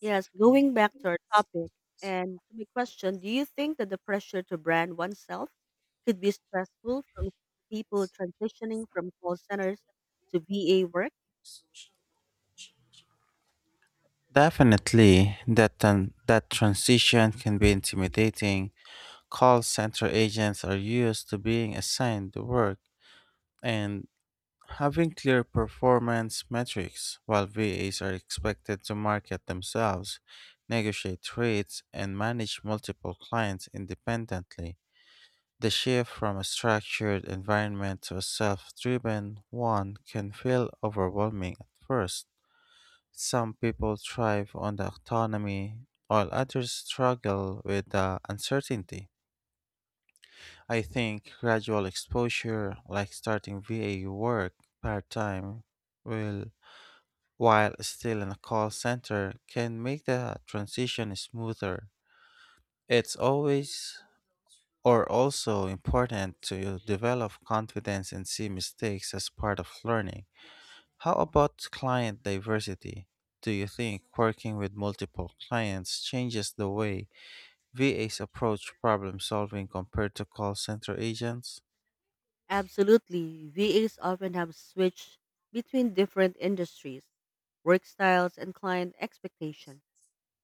Yes, going back to our topic and to my question, do you think that the pressure to brand oneself could be stressful from people transitioning from call centers to VA work? Definitely, that that transition can be intimidating. Call center agents are used to being assigned the work and having clear performance metrics, while VAs are expected to market themselves, negotiate rates, and manage multiple clients independently. The shift from a structured environment to a self driven one can feel overwhelming at first. Some people thrive on the autonomy, while others struggle with the uncertainty. I think gradual exposure, like starting VA work part time, will while still in a call center, can make the transition smoother. It's always or Also important to develop confidence and see mistakes as part of learning. How about client diversity? Do you think working with multiple clients changes the way VAs approach problem solving compared to call center agents? Absolutely. VAs often have switched between different industries, work styles, and client expectation,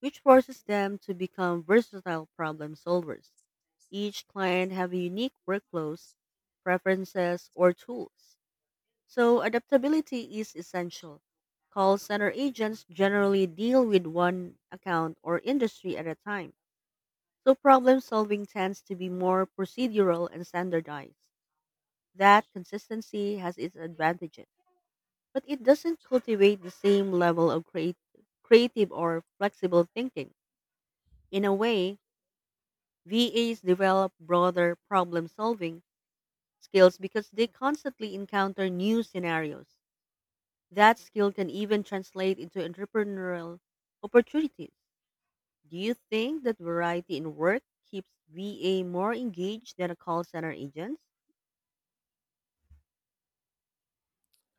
which forces them to become versatile problem solvers. Each client have a unique workflows, preferences, or tools. So adaptability is essential. Call center agents generally deal with one account or industry at a time. So problem solving tends to be more procedural and standardized. That consistency has its advantages, but it doesn't cultivate the same level of creative or flexible thinking. In a way, VAs develop broader problem solving skills because they constantly encounter new scenarios. That skill can even translate into entrepreneurial opportunities. Do you think that variety in work keeps VA more engaged than a call center agents?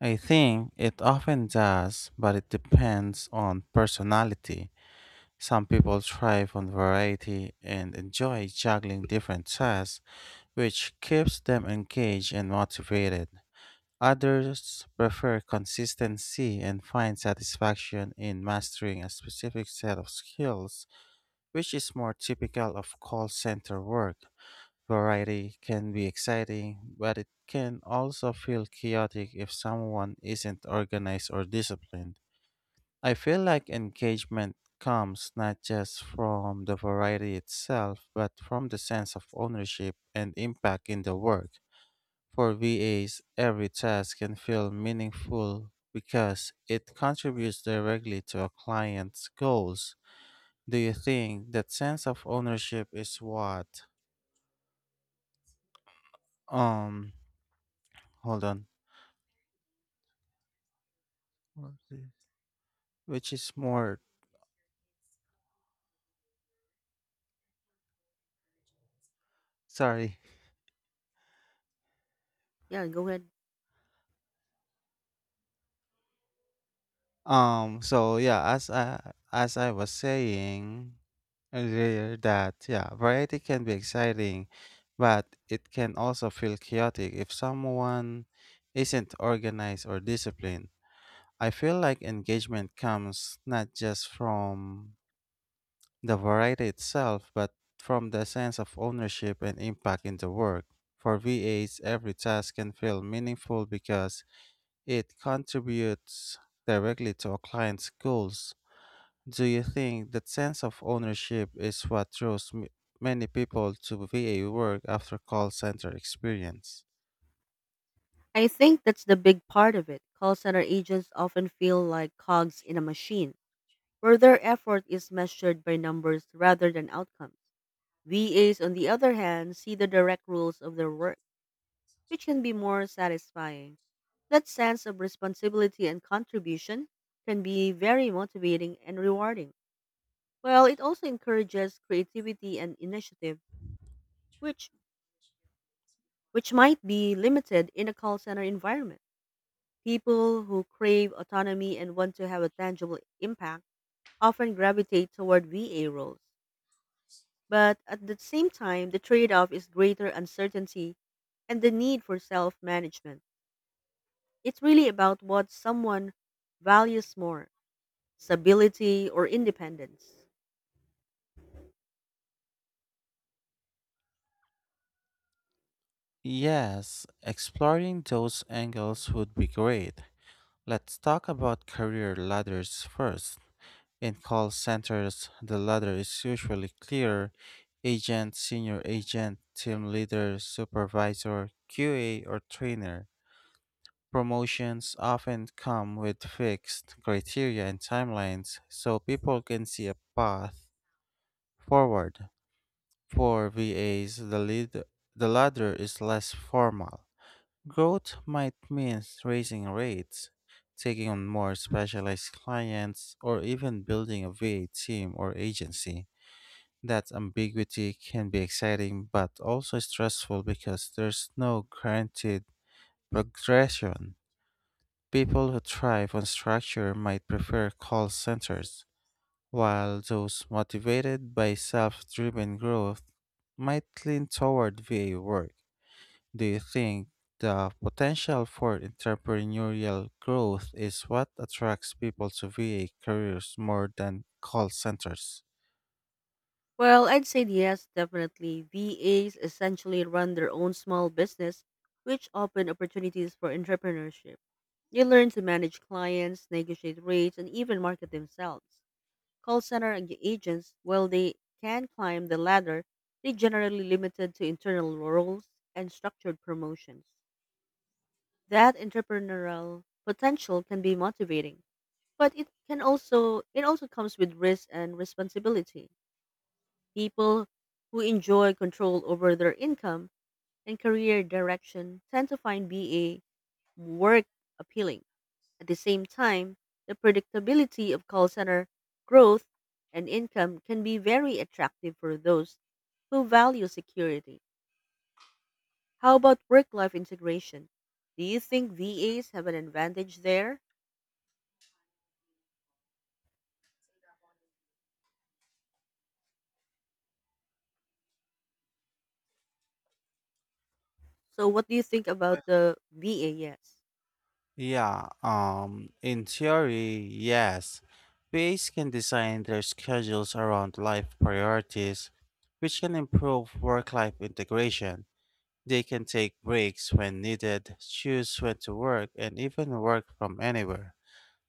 I think it often does, but it depends on personality. Some people thrive on variety and enjoy juggling different tasks, which keeps them engaged and motivated. Others prefer consistency and find satisfaction in mastering a specific set of skills, which is more typical of call center work. Variety can be exciting, but it can also feel chaotic if someone isn't organized or disciplined. I feel like engagement comes not just from the variety itself, but from the sense of ownership and impact in the work. For VAs, every task can feel meaningful because it contributes directly to a client's goals. Do you think that sense of ownership is what? Um, Hold on. What is this? Which is more sorry. Yeah, go ahead. So yeah, as I was saying earlier that yeah, variety can be exciting, but it can also feel chaotic if someone isn't organized or disciplined. I feel like engagement comes not just from the variety itself, but from the sense of ownership and impact in the work. For VAs, every task can feel meaningful because it contributes directly to a client's goals. Do you think that sense of ownership is what draws many people to VA work after call center experience? I think that's the big part of it. Call center agents often feel like cogs in a machine, where their effort is measured by numbers rather than outcomes. VAs, on the other hand, see the direct rules of their work which can be more satisfying. That sense of responsibility and contribution can be very motivating and rewarding. Well, it also encourages creativity and initiative, which which might be limited in a call center environment. People who crave autonomy and want to have a tangible impact often gravitate toward VA roles. But at the same time, the trade-off is greater uncertainty and the need for self-management. It's really about what someone values more, stability or independence. Yes, exploring those angles would be great. Let's talk about career ladders first. In call centers, the ladder is usually clear agent, senior agent, team leader, supervisor, QA, or trainer. Promotions often come with fixed criteria and timelines so people can see a path forward. For VAs, the ladder is less formal. Growth might mean raising rates, taking on more specialized clients, or even building a VA team or agency. That ambiguity can be exciting but also stressful because there's no guaranteed progression. People who thrive on structure might prefer call centers, while those motivated by self driven growth might lean toward VA work. Do you think the potential for entrepreneurial growth is what attracts people to VA careers more than call centers? Well, I'd say yes, definitely. VAs essentially run their own small business, which open opportunities for entrepreneurship. They learn to manage clients, negotiate rates, and even market themselves. Call center agents, while they can climb the ladder, they generally limited to internal roles and structured promotions. That entrepreneurial potential can be motivating, but it also comes with risk and responsibility. People who enjoy control over their income and career direction tend to find BA work appealing. At the same time, the predictability of call center growth and income can be very attractive for those who value security. How about work-life integration? Do you think VAs have an advantage there? So what do you think about the VA? Yes. Yeah, in theory, yes. VAs can design their schedules around life priorities, which can improve work life integration. They can take breaks when needed, choose when to work, and even work from anywhere.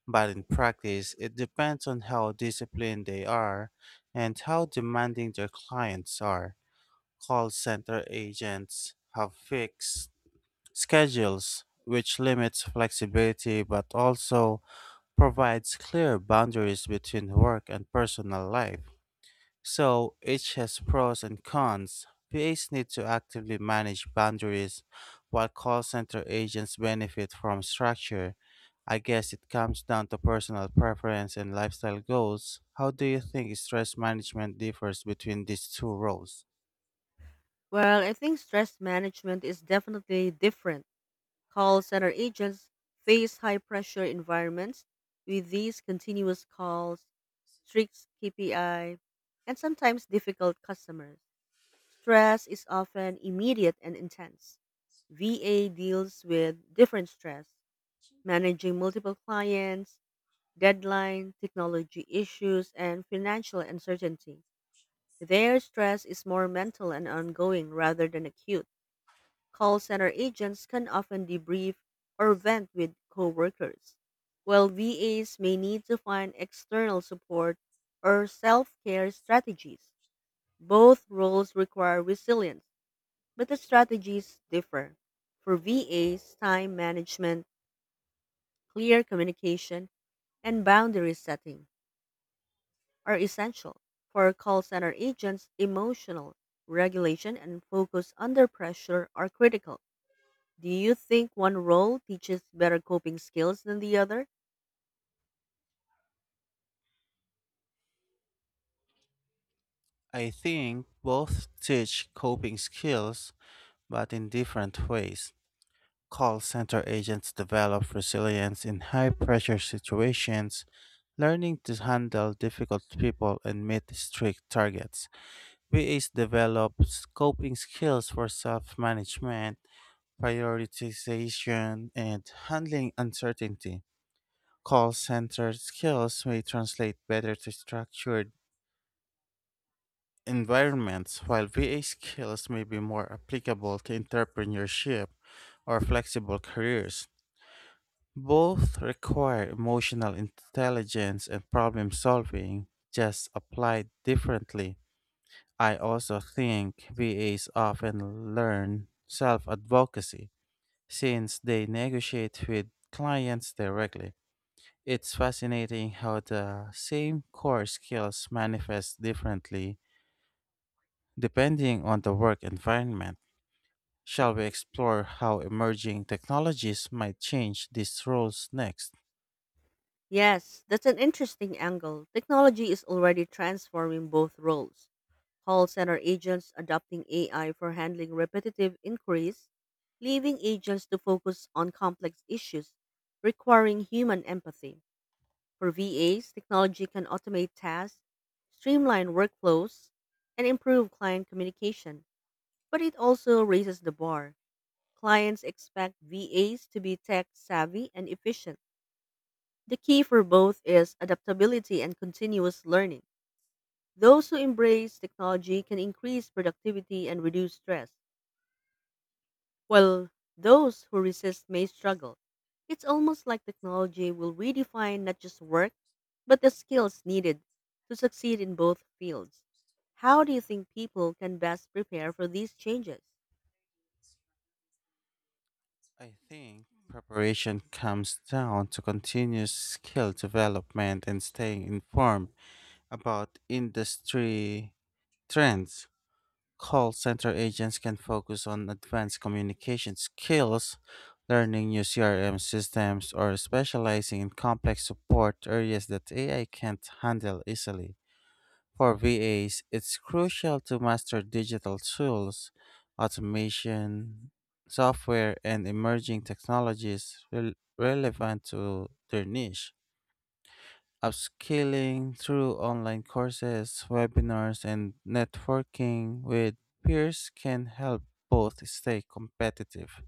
But in practice, it depends on how disciplined they are and how demanding their clients are. Call center agents have fixed schedules, which limits flexibility but also provides clear boundaries between work and personal life. So each has pros and cons. PAs need to actively manage boundaries, while call center agents benefit from structure. I guess it comes down to personal preference and lifestyle goals. How do you think stress management differs between these two roles? Well, I think stress management is definitely different. Call center agents face high pressure environments with these continuous calls, strict KPI, and sometimes difficult customers. Stress is often immediate and intense. VA deals with different stress, managing multiple clients, deadline, technology issues, and financial uncertainty. Their stress is more mental and ongoing rather than acute. Call center agents can often debrief or vent with coworkers, while VAs may need to find external support or self care strategies. Both roles require resilience, but the strategies differ. For VAs, time management, clear communication, and boundary setting are essential. For call center agents, emotional regulation and focus under pressure are critical. Do you think one role teaches better coping skills than the other? I think both teach coping skills, but in different ways. Call center agents develop resilience in high pressure situations, learning to handle difficult people and meet strict targets. VAs develop coping skills for self management, prioritization, and handling uncertainty. Call center skills may translate better to structured environments, while VA skills may be more applicable to entrepreneurship or flexible careers. Both require emotional intelligence and problem solving, just applied differently. I also think VAs often learn self advocacy since they negotiate with clients directly. It's fascinating how the same core skills manifest differently depending on the work environment. Shall we explore how emerging technologies might change these roles next? Yes, that's an interesting angle. Technology is already transforming both roles. Call center agents adopting AI for handling repetitive inquiries, leaving agents to focus on complex issues requiring human empathy. For VAs, technology can automate tasks, streamline workflows, and improve client communication, but it also raises the bar. Clients expect VAs to be tech savvy and efficient. The key for both is adaptability and continuous learning. Those who embrace technology can increase productivity and reduce stress, while those who resist may struggle. It's almost like technology will redefine not just work, but the skills needed to succeed in both fields. How do you think people can best prepare for these changes? I think preparation comes down to continuous skill development and staying informed about industry trends. Call center agents can focus on advanced communication skills, learning new CRM systems, or specializing in complex support areas that AI can't handle easily. For VAs, it's crucial to master digital tools, automation, software, and emerging technologies relevant to their niche. Upskilling through online courses, webinars, and networking with peers can help both stay competitive.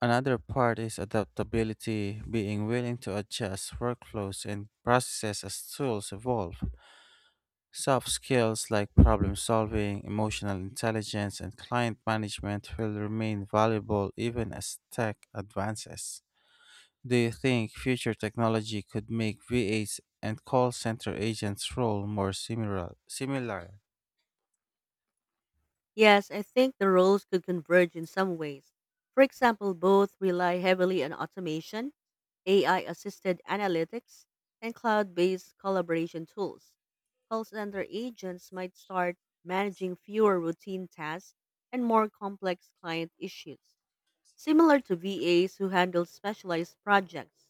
Another part is adaptability, being willing to adjust workflows and processes as tools evolve. Soft skills like problem solving, emotional intelligence, and client management will remain valuable even as tech advances. Do you think future technology could make VAs and call center agents' role more similar? Similar, Yes, I think the roles could converge in some ways. For example, both rely heavily on automation, AI assisted analytics, and cloud based collaboration tools. Call center agents might start managing fewer routine tasks and more complex client issues, similar to VAs who handle specialized projects.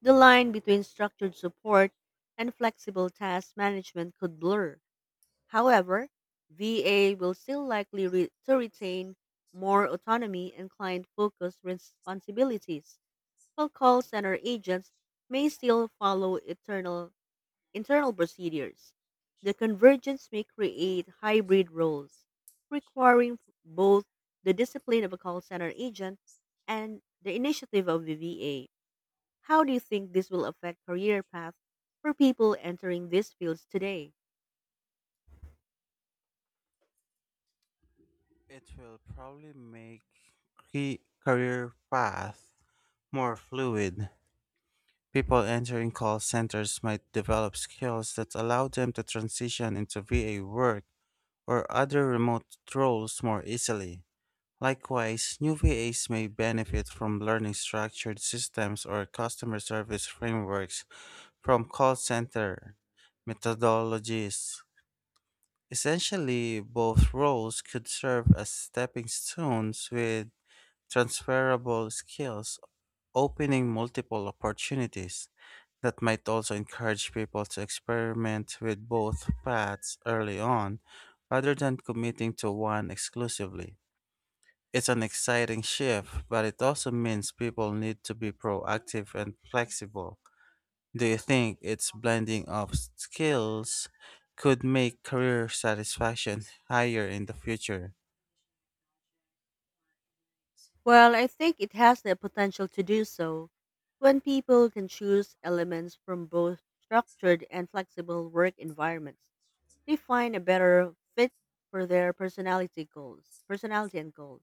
The line between structured support and flexible task management could blur. However, VA will still likely re- to retain more autonomy and client focused responsibilities, while call center agents may still follow internal procedures. The convergence may create hybrid roles, requiring both the discipline of a call center agent and the initiative of the VA. How do you think this will affect career paths for people entering these fields today? it will probably make key career path more fluid. People entering call centers might develop skills that allow them to transition into VA work or other remote roles more easily. Likewise, new VAs may benefit from learning structured systems or customer service frameworks from call center methodologies. Essentially, both roles could serve as stepping stones with transferable skills, opening multiple opportunities. That might also encourage people to experiment with both paths early on rather than committing to one exclusively. It's an exciting shift, but it also means people need to be proactive and flexible. Do you think its blending of skills could make career satisfaction higher in the future? Well, I think it has the potential to do so. When people can choose elements from both structured and flexible work environments, they find a better fit for their personality and goals.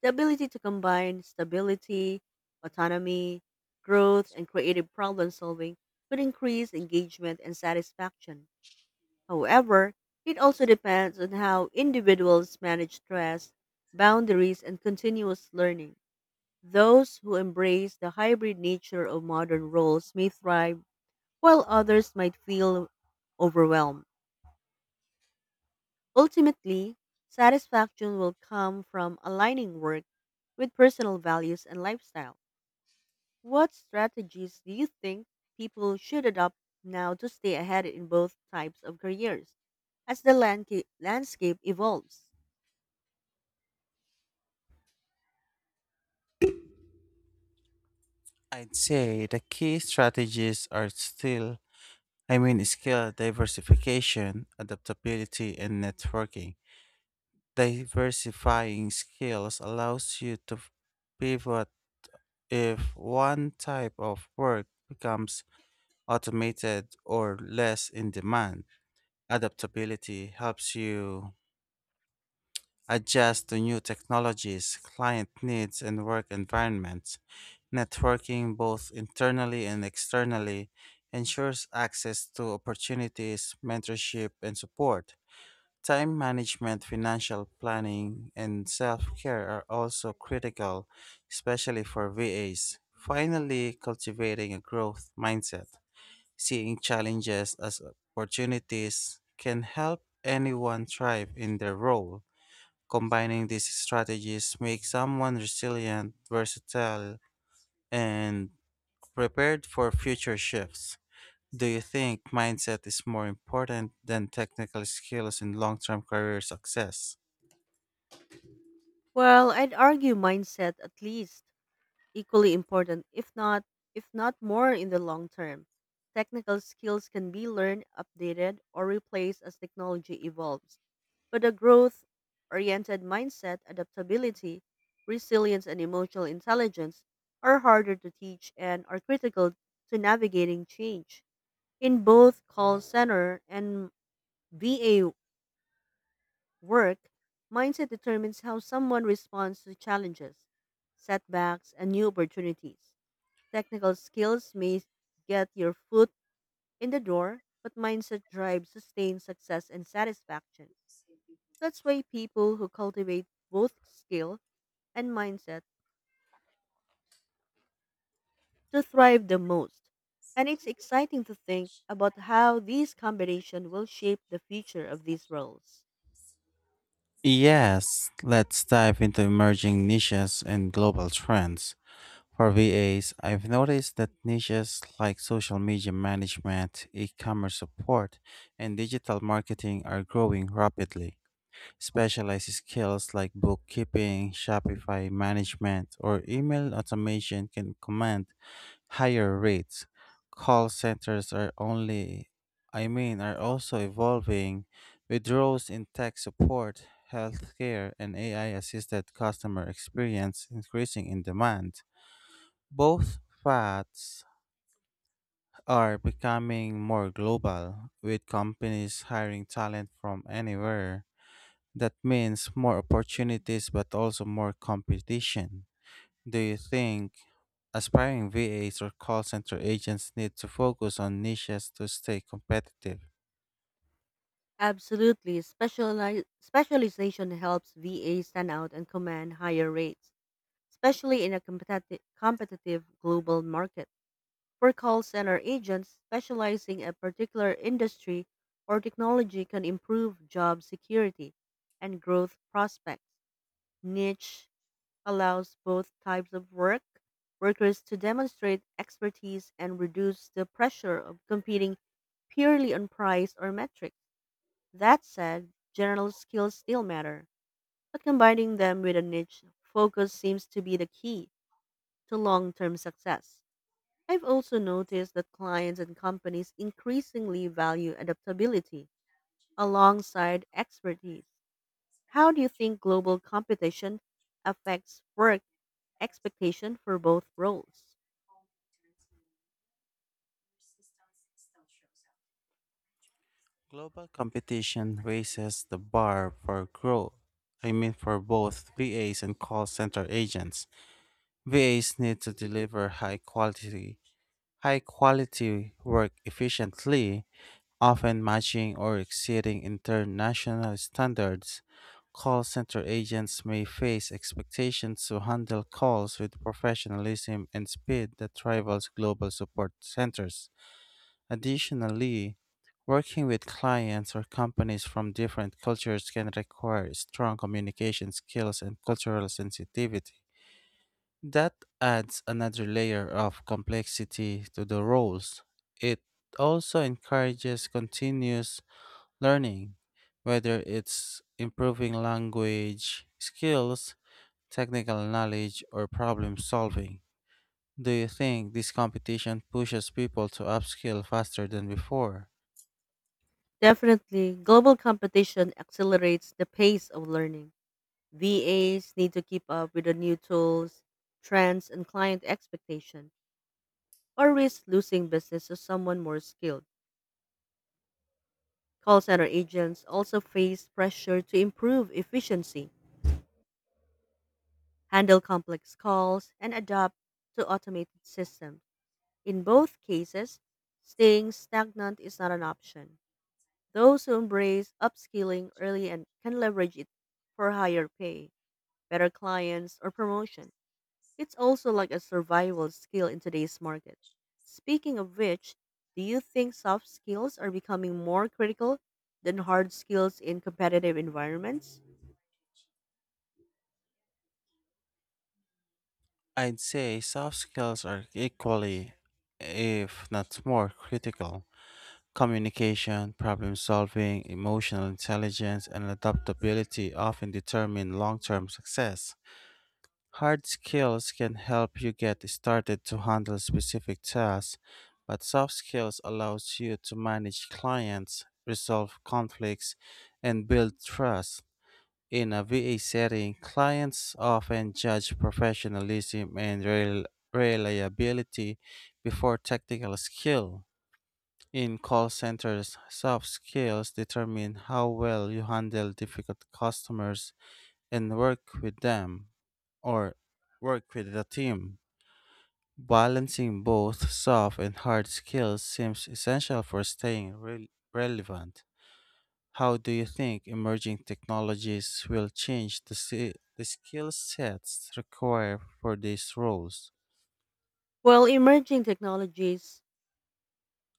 The ability to combine stability, autonomy, growth, and creative problem solving could increase engagement and satisfaction. However, it also depends on how individuals manage stress, boundaries, and continuous learning. Those who embrace the hybrid nature of modern roles may thrive, while others might feel overwhelmed. Ultimately, satisfaction will come from aligning work with personal values and lifestyle. What strategies do you think people should adopt now to stay ahead in both types of careers as the landscape evolves? I'd say the key strategies are still, I mean, skill diversification, adaptability, and networking. Diversifying skills allows you to pivot if one type of work becomes automated or less in demand. Adaptability helps you adjust to new technologies, client needs, and work environments. Networking, both internally and externally, ensures access to opportunities, mentorship, and support. Time management, financial planning, and self care are also critical, especially for VAs. Finally, cultivating a growth mindset, seeing challenges as opportunities, can help anyone thrive in their role. Combining these strategies makes someone resilient, versatile, and prepared for future shifts. Do you think mindset is more important than technical skills in long term career success? Well, I'd argue mindset at least. Equally important, if not more in the long term. Technical skills can be learned, updated, or replaced as technology evolves. But a growth oriented mindset, adaptability, resilience, and emotional intelligence are harder to teach and are critical to navigating change. In both call center and VA work, mindset determines how someone responds to challenges, setbacks, and new opportunities. Technical skills may get your foot in the door, but mindset drives sustained success and satisfaction. That's why people who cultivate both skill and mindset to thrive the most. And it's exciting to think about how these combination will shape the future of these roles. Yes, let's dive into emerging niches and global trends. For VAs, I've noticed that niches like social media management, e commerce support, and digital marketing are growing rapidly. Specialized skills like bookkeeping, Shopify management, or email automation can command higher rates. Call centers are only, I mean, are also evolving with roles in tech support, healthcare, and AI assisted customer experience increasing in demand. Both paths are becoming more global, with companies hiring talent from anywhere. That means more opportunities but also more competition. Do you think aspiring VAs or call center agents need to focus on niches to stay competitive? Absolutely, specialization helps VA stand out and command higher rates, especially in a competitive global market. For call center agents specializing in a particular industry or technology can improve job security and growth prospects. Niche allows both types of workers to demonstrate expertise and reduce the pressure of competing purely on price or metrics. That said, general skills still matter, but combining them with a niche focus seems to be the key to long-term success. I've also noticed that clients and companies increasingly value adaptability alongside expertise. How do you think global competition affects work expectation for both roles? Global competition raises the bar for growth. I mean, for both VAs and call center agents. VAs need to deliver high quality high quality work efficiently, often matching or exceeding international standards. Call center agents may face expectations to handle calls with professionalism and speed that rivals global support centers. Additionally, working with clients or companies from different cultures can require strong communication skills and cultural sensitivity. That adds another layer of complexity to the roles. It also encourages continuous learning, whether it's improving language skills, technical knowledge, or problem solving. Do you think this competition pushes people to upskill faster than before? Definitely, global competition accelerates the pace of learning. VAs need to keep up with the new tools, trends, and client expectation, or risk losing business to someone more skilled. Call center agents also face pressure to improve efficiency, handle complex calls, and adapt to automated systems. In both cases, staying stagnant is not an option. Those who embrace upskilling early and can leverage it for higher pay, better clients, or promotion. It's also like a survival skill in today's market. Speaking of which, do you think soft skills are becoming more critical than hard skills in competitive environments? I'd say soft skills are equally, if not more, critical. Communication, problem solving, emotional intelligence, and adaptability often determine long term success. Hard skills can help you get started to handle specific tasks, but soft skills allows you to manage clients, resolve conflicts, and build trust. In a VA setting, clients often judge professionalism and reliability before technical skill. In call centers, soft skills determine how well you handle difficult customers and work with them or work with the team. Balancing both soft and hard skills seems essential for staying relevant. How do you think emerging technologies will change the skill sets required for these roles? Well, emerging technologies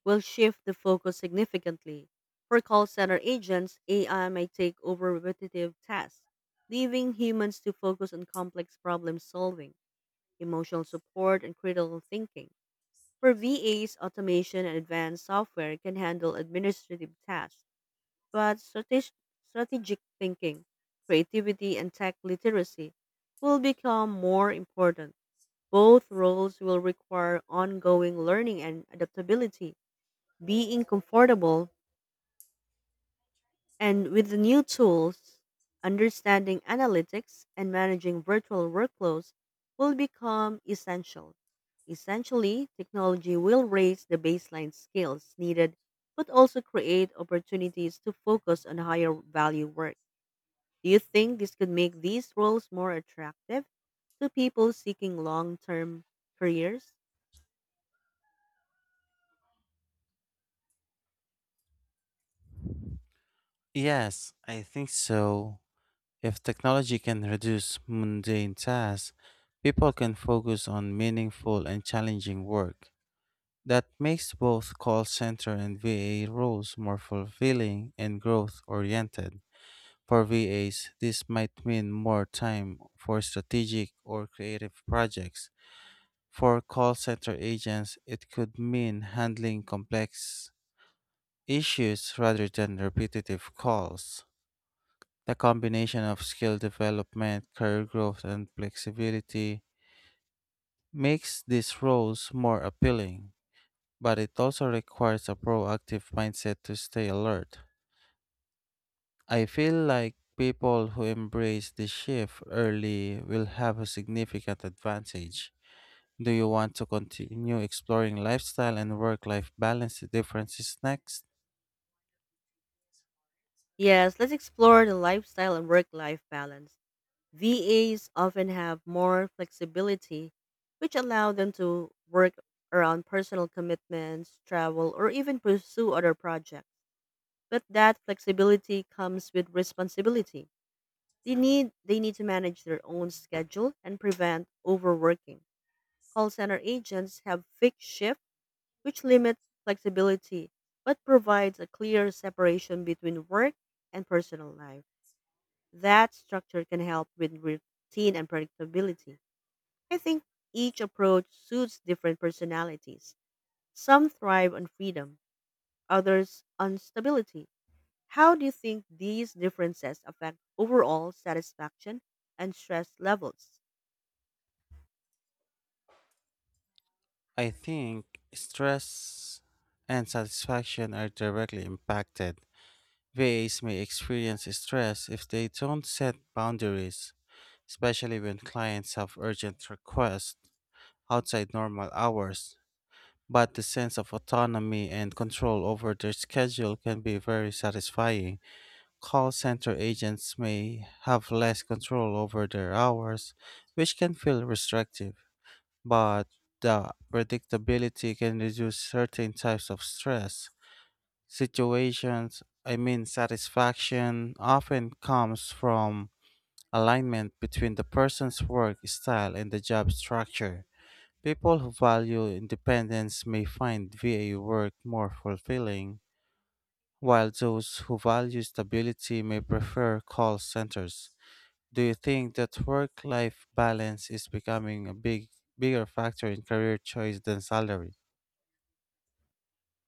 will shift the focus significantly. For call center agents, AI may take over repetitive tasks, leaving humans to focus on complex problem solving, emotional support, and critical thinking. For VAs, automation and advanced software can handle administrative tasks, but strategic thinking, creativity, and tech literacy will become more important. Both roles will require ongoing learning and adaptability, being comfortable and with the new tools, understanding analytics and managing virtual workflows will become essential. Essentially, technology will raise the baseline skills needed but also create opportunities to focus on higher value work. Do you think this could make these roles more attractive to people seeking long-term careers? Yes, I think so. If technology can reduce mundane tasks, people can focus on meaningful and challenging work. That makes both call center and VA roles more fulfilling and growth oriented. For VAs, this might mean more time for strategic or creative projects. For call center agents, it could mean handling complex issues rather than repetitive calls. The combination of skill development, career growth, and flexibility makes these roles more appealing, but it also requires a proactive mindset to stay alert. I feel like people who embrace the shift early will have a significant advantage. Do you want to continue exploring lifestyle and work life balance differences next? Yes, let's explore the lifestyle and work-life balance. VAs often have more flexibility, which allow them to work around personal commitments, travel, or even pursue other projects. But that flexibility comes with responsibility. They need to manage their own schedule and prevent overworking. Call center agents have fixed shifts which limit flexibility but provides a clear separation between work and personal life. That structure can help with routine and predictability. I think each approach suits different personalities. Some thrive on freedom, others on stability. How do you think these differences affect overall satisfaction and stress levels? I think stress and satisfaction are directly impacted. VAs may experience stress if they don't set boundaries, especially when clients have urgent requests outside normal hours. But the sense of autonomy and control over their schedule can be very satisfying. Call center agents may have less control over their hours, which can feel restrictive, but the predictability can reduce certain types of stress situations. I mean, satisfaction often comes from alignment between the person's work style and the job structure. People who value independence may find VA work more fulfilling, while those who value stability may prefer call centers. Do you think that work life balance is becoming a bigger factor in career choice than salary?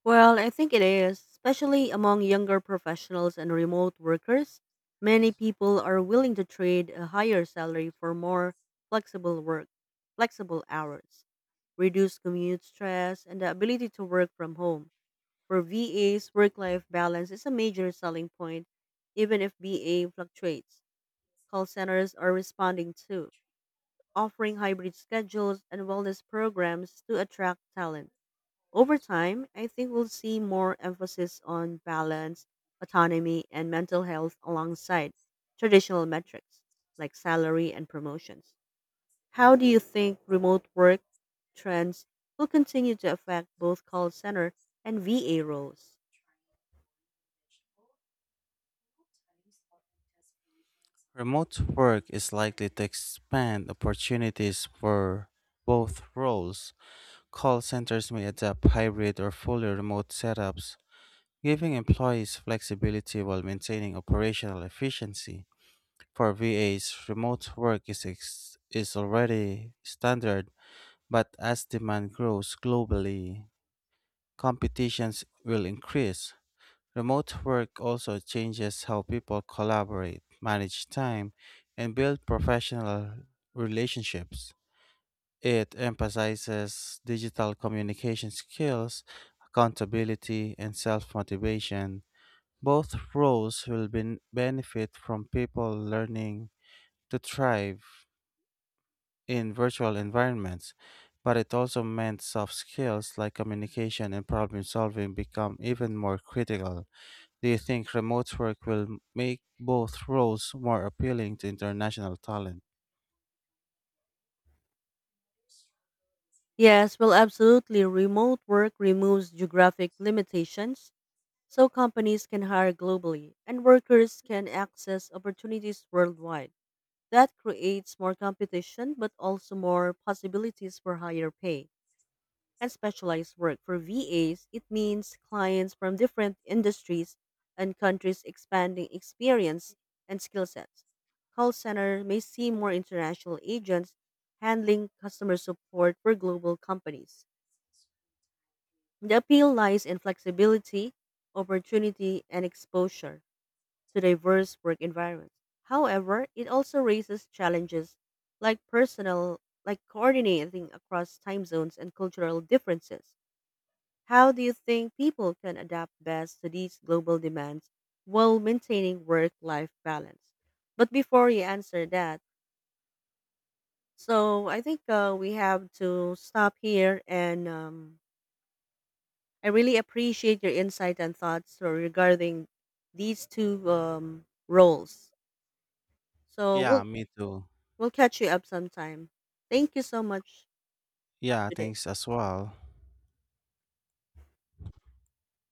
Well, I think it is, especially among younger professionals and remote workers. Many people are willing to trade a higher salary for more flexible work, flexible hours, reduced commute stress, and the ability to work from home. For VAs, work life balance is a major selling point, even if BA fluctuates. Call centers are responding too, offering hybrid schedules and wellness programs to attract talent. Over time, I think we'll see more emphasis on balance, autonomy, and mental health alongside traditional metrics like salary and promotions. How do you think remote work trends will continue to affect both call center and VA roles? Remote work is likely to expand opportunities for both roles. Call centers may adopt hybrid or fully remote setups, giving employees flexibility while maintaining operational efficiency. For VAs, remote work is, is already standard, but as demand grows globally, competitions will increase. Remote work also changes how people collaborate, manage time, and build professional relationships. It emphasizes digital communication skills, accountability, and self motivation. Both roles will benefit from people learning to thrive in virtual environments, but it also meant soft skills like communication and problem solving become even more critical. Do you think remote work will make both roles more appealing to international talent? Yes, well, absolutely. Remote work removes geographic limitations so companies can hire globally and workers can access opportunities worldwide. That creates more competition but also more possibilities for higher pay and specialized work. For VAs, it means clients from different industries and countries expanding experience and skill sets. Call center may see more international agents handling customer support for global companies. The appeal lies in flexibility, opportunity, and exposure to diverse work environments. However, it also raises challenges like like coordinating across time zones and cultural differences. How do you think people can adapt best to these global demands while maintaining work life balance? But before you answer that, so I think we have to stop here and I really appreciate your insight and thoughts regarding these two roles. So we'll Yeah, me too. we'll catch you up sometime. Thank you so much. Have a Yeah, good day. thanks as well.